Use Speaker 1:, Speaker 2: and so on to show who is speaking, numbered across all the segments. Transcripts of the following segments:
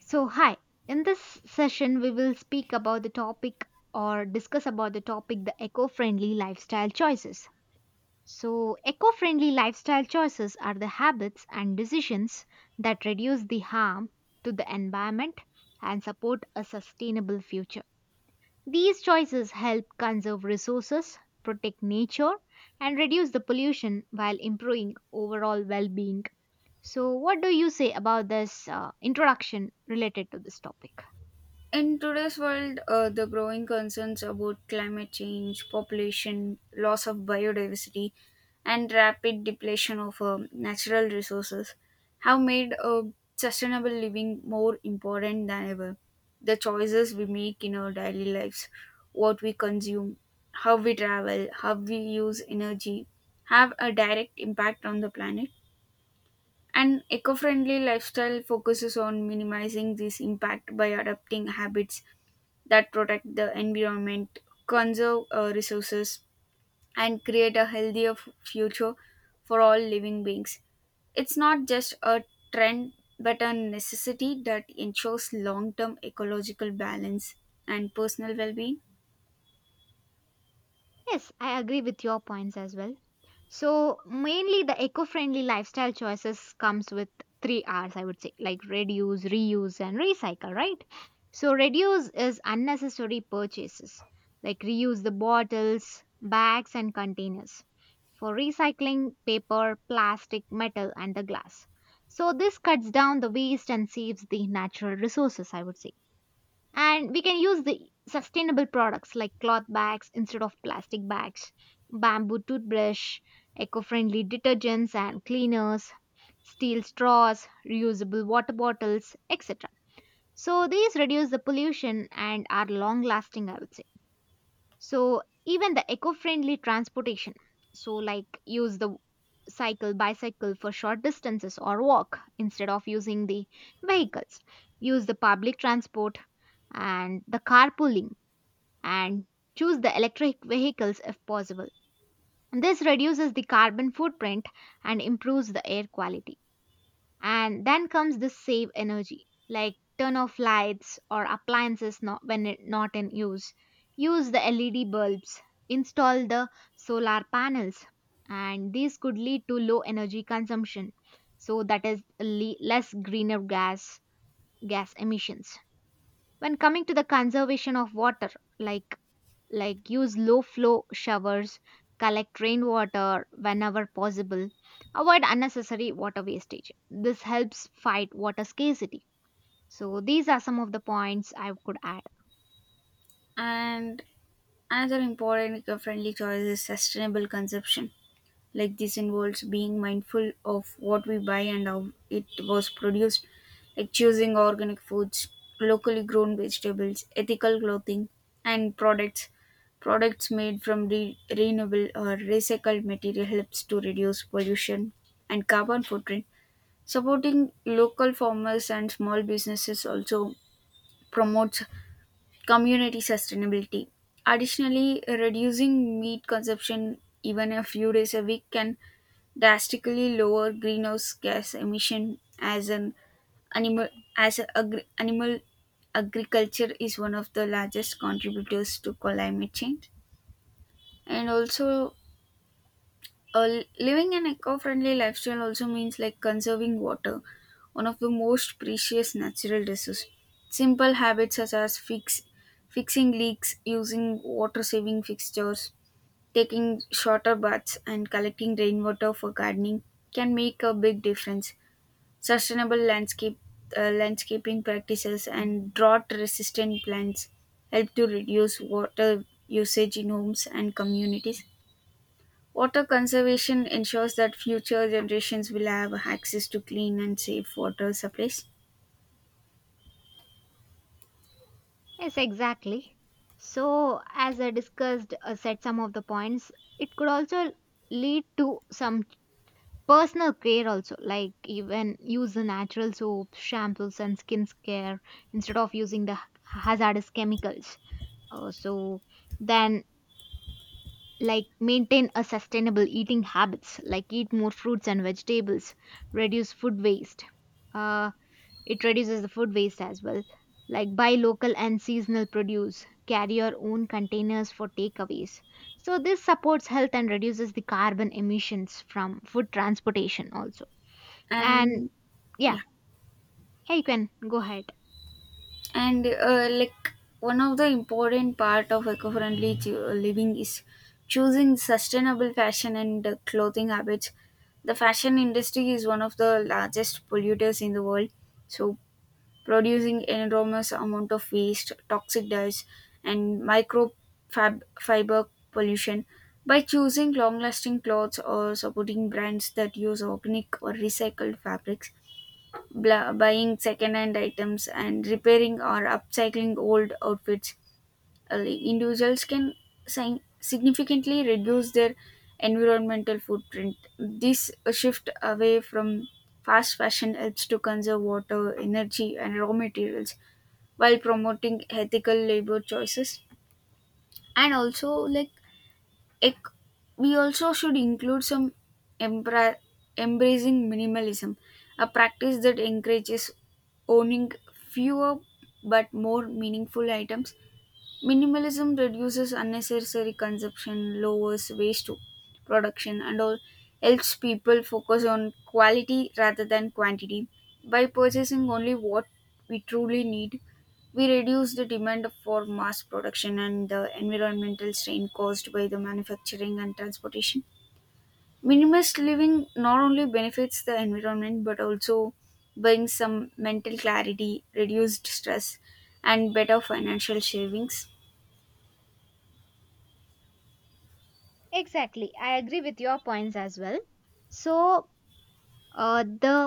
Speaker 1: So, hi. In this session, we will speak about the topic or discuss about the topic the eco friendly lifestyle choices. So, eco friendly lifestyle choices are the habits and decisions that reduce the harm to the environment and support a sustainable future. These choices help conserve resources, protect nature, and reduce the pollution while improving overall well being. So, what do you say about this introduction related to this topic?
Speaker 2: In today's world, the growing concerns about climate change, population, loss of biodiversity, and rapid depletion of natural resources have made sustainable living more important than ever. The choices we make in our daily lives, what we consume, how we travel, how we use energy, have a direct impact on the planet. An eco friendly lifestyle focuses on minimizing this impact by adopting habits that protect the environment, conserve resources, and create a healthier future for all living beings. It's not just a trend but a necessity that ensures long term ecological balance and personal well being.
Speaker 1: Yes, I agree with your points as well. So mainly the eco-friendly lifestyle choices comes with three R's I would say, like reduce, reuse and recycle, right? So reduce is unnecessary purchases, like reuse the bottles, bags and containers for recycling paper, plastic, metal and the glass. So this cuts down the waste and saves the natural resources, I would say, and we can use the sustainable products like cloth bags instead of plastic bags, bamboo toothbrush, eco-friendly detergents and cleaners, steel straws, reusable water bottles, etc. So these reduce the pollution and are long lasting, I would say. So even the eco-friendly transportation, so like use the cycle, bicycle for short distances or walk instead of using the vehicles. Use the public transport and the carpooling and choose the electric vehicles if possible. And this reduces the carbon footprint and improves the air quality. And then comes the save energy, like turn off lights or appliances not when it, not in use, use the LED bulbs, install the solar panels, and these could lead to low energy consumption, so that is less greener gas emissions. When coming to the conservation of water, like use low flow showers, collect rainwater whenever possible, avoid unnecessary water wastage. This helps fight water scarcity. So, these are some of the points I could add.
Speaker 2: And another important eco friendly choice is sustainable consumption, like this involves being mindful of what we buy and how it was produced, like choosing organic foods, locally grown vegetables, ethical clothing, and products made from renewable or recycled material helps to reduce pollution and carbon footprint. Supporting local farmers and small businesses also promotes community sustainability. Additionally, reducing meat consumption even a few days a week can drastically lower greenhouse gas emission, as an animal as a agri- animal agriculture is one of the largest contributors to climate change. And also, living an eco-friendly lifestyle also means like conserving water, one of the most precious natural resource. Simple habits such as fixing leaks, using water saving fixtures, taking shorter baths, and collecting rainwater for gardening can make a big difference. Sustainable landscape landscaping practices and drought resistant plants help to reduce water usage in homes and communities. Water conservation ensures that future generations will have access to clean and safe water supplies.
Speaker 1: Yes, exactly. So, as I discussed, said some of the points, it could also lead to some personal care also, like even use the natural soaps, shampoos and skin care instead of using the hazardous chemicals. So then Like maintain a sustainable eating habits like eat more fruits and vegetables, reduce food waste uh, it reduces the food waste as well, like buy local and seasonal produce, carry your own containers for takeaways. So this supports health and reduces the carbon emissions from food transportation also. And
Speaker 2: And
Speaker 1: yeah,
Speaker 2: yeah.
Speaker 1: yeah, you can go ahead.
Speaker 2: And like, one of the important part of eco-friendly living is choosing sustainable fashion and clothing habits. The fashion industry is one of the largest polluters in the world, so producing enormous amount of waste, toxic dyes, and fiber pollution. By choosing long lasting clothes or supporting brands that use organic or recycled fabrics, buying second-hand items and repairing or upcycling old outfits, individuals can significantly reduce their environmental footprint. This shift away from fast fashion helps to conserve water, energy, and raw materials while promoting ethical labor choices. And also, like, ec- we also should include some embra- embracing minimalism, a practice that encourages owning fewer but more meaningful items. Minimalism reduces unnecessary consumption, lowers waste production, and all helps people focus on quality rather than quantity. By purchasing only what we truly need, we reduce the demand for mass production and the environmental strain caused by the manufacturing and transportation. Minimalist living not only benefits the environment but also brings some mental clarity, reduced stress, and better financial savings.
Speaker 1: Exactly, I agree with your points as well. So, the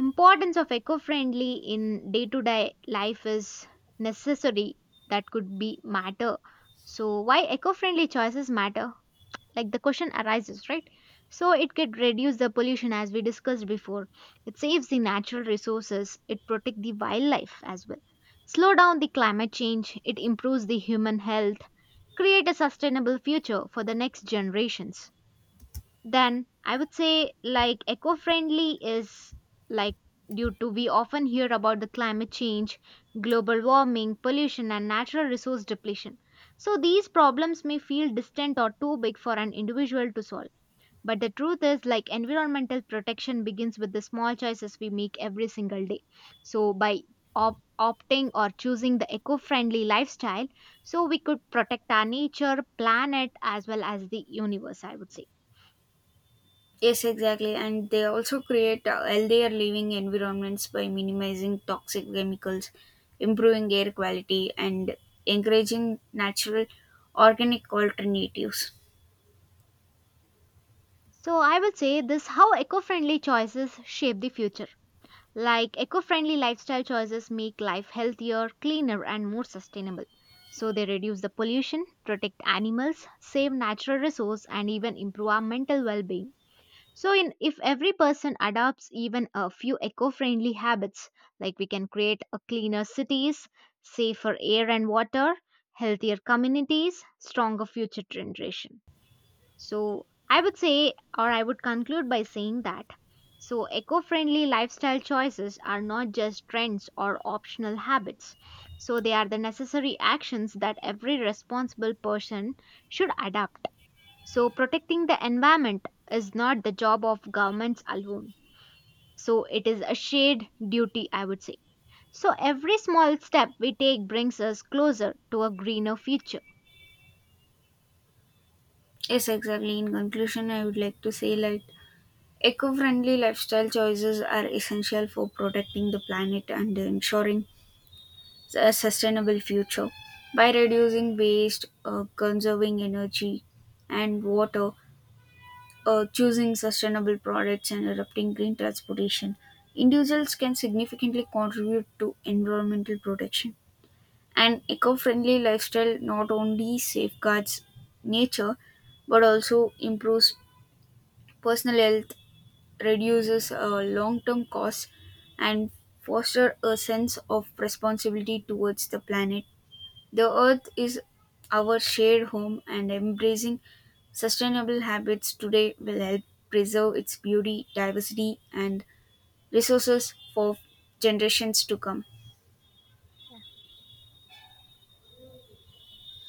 Speaker 1: importance of eco-friendly in day-to-day life is necessary, that could be matter. So why eco-friendly choices matter? Like the question arises, right? So it could reduce the pollution as we discussed before. It saves the natural resources. It protects the wildlife as well. Slow down the climate change. It improves the human health. Create a sustainable future for the next generations. Then I would say like eco-friendly is, like due to we often hear about the climate change, global warming, pollution and natural resource depletion. So these problems may feel distant or too big for an individual to solve. But the truth is, like environmental protection begins with the small choices we make every single day. So by opting or choosing the eco-friendly lifestyle, so we could protect our nature, planet as well as the universe, I would say.
Speaker 2: Yes, exactly. And they also create healthier living environments by minimizing toxic chemicals, improving air quality, and encouraging natural organic alternatives.
Speaker 1: So I will say this how eco-friendly choices shape the future. Like eco-friendly lifestyle choices make life healthier, cleaner and more sustainable. So they reduce the pollution, protect animals, save natural resource and even improve our mental well-being. So in if every person adopts even a few eco-friendly habits, like we can create a cleaner cities, safer air and water, healthier communities, stronger future generation. So, I would say, or I would conclude by saying that so eco friendly lifestyle choices are not just trends or optional habits. So, they are the necessary actions that every responsible person should adopt. So, protecting the environment is not the job of governments alone. So, it is a shared duty, I would say. So, every small step we take brings us closer to a greener future.
Speaker 2: Yes, exactly. In conclusion, I would like to say, like, eco friendly lifestyle choices are essential for protecting the planet and ensuring a sustainable future. By reducing waste, conserving energy and water, choosing sustainable products and adopting green transportation, individuals can significantly contribute to environmental protection. An eco friendly lifestyle not only safeguards nature but also improves personal health, reduces long term costs, and fosters a sense of responsibility towards the planet. The earth is our shared home, and embracing sustainable habits today will help preserve its beauty, diversity, and resources for generations to come.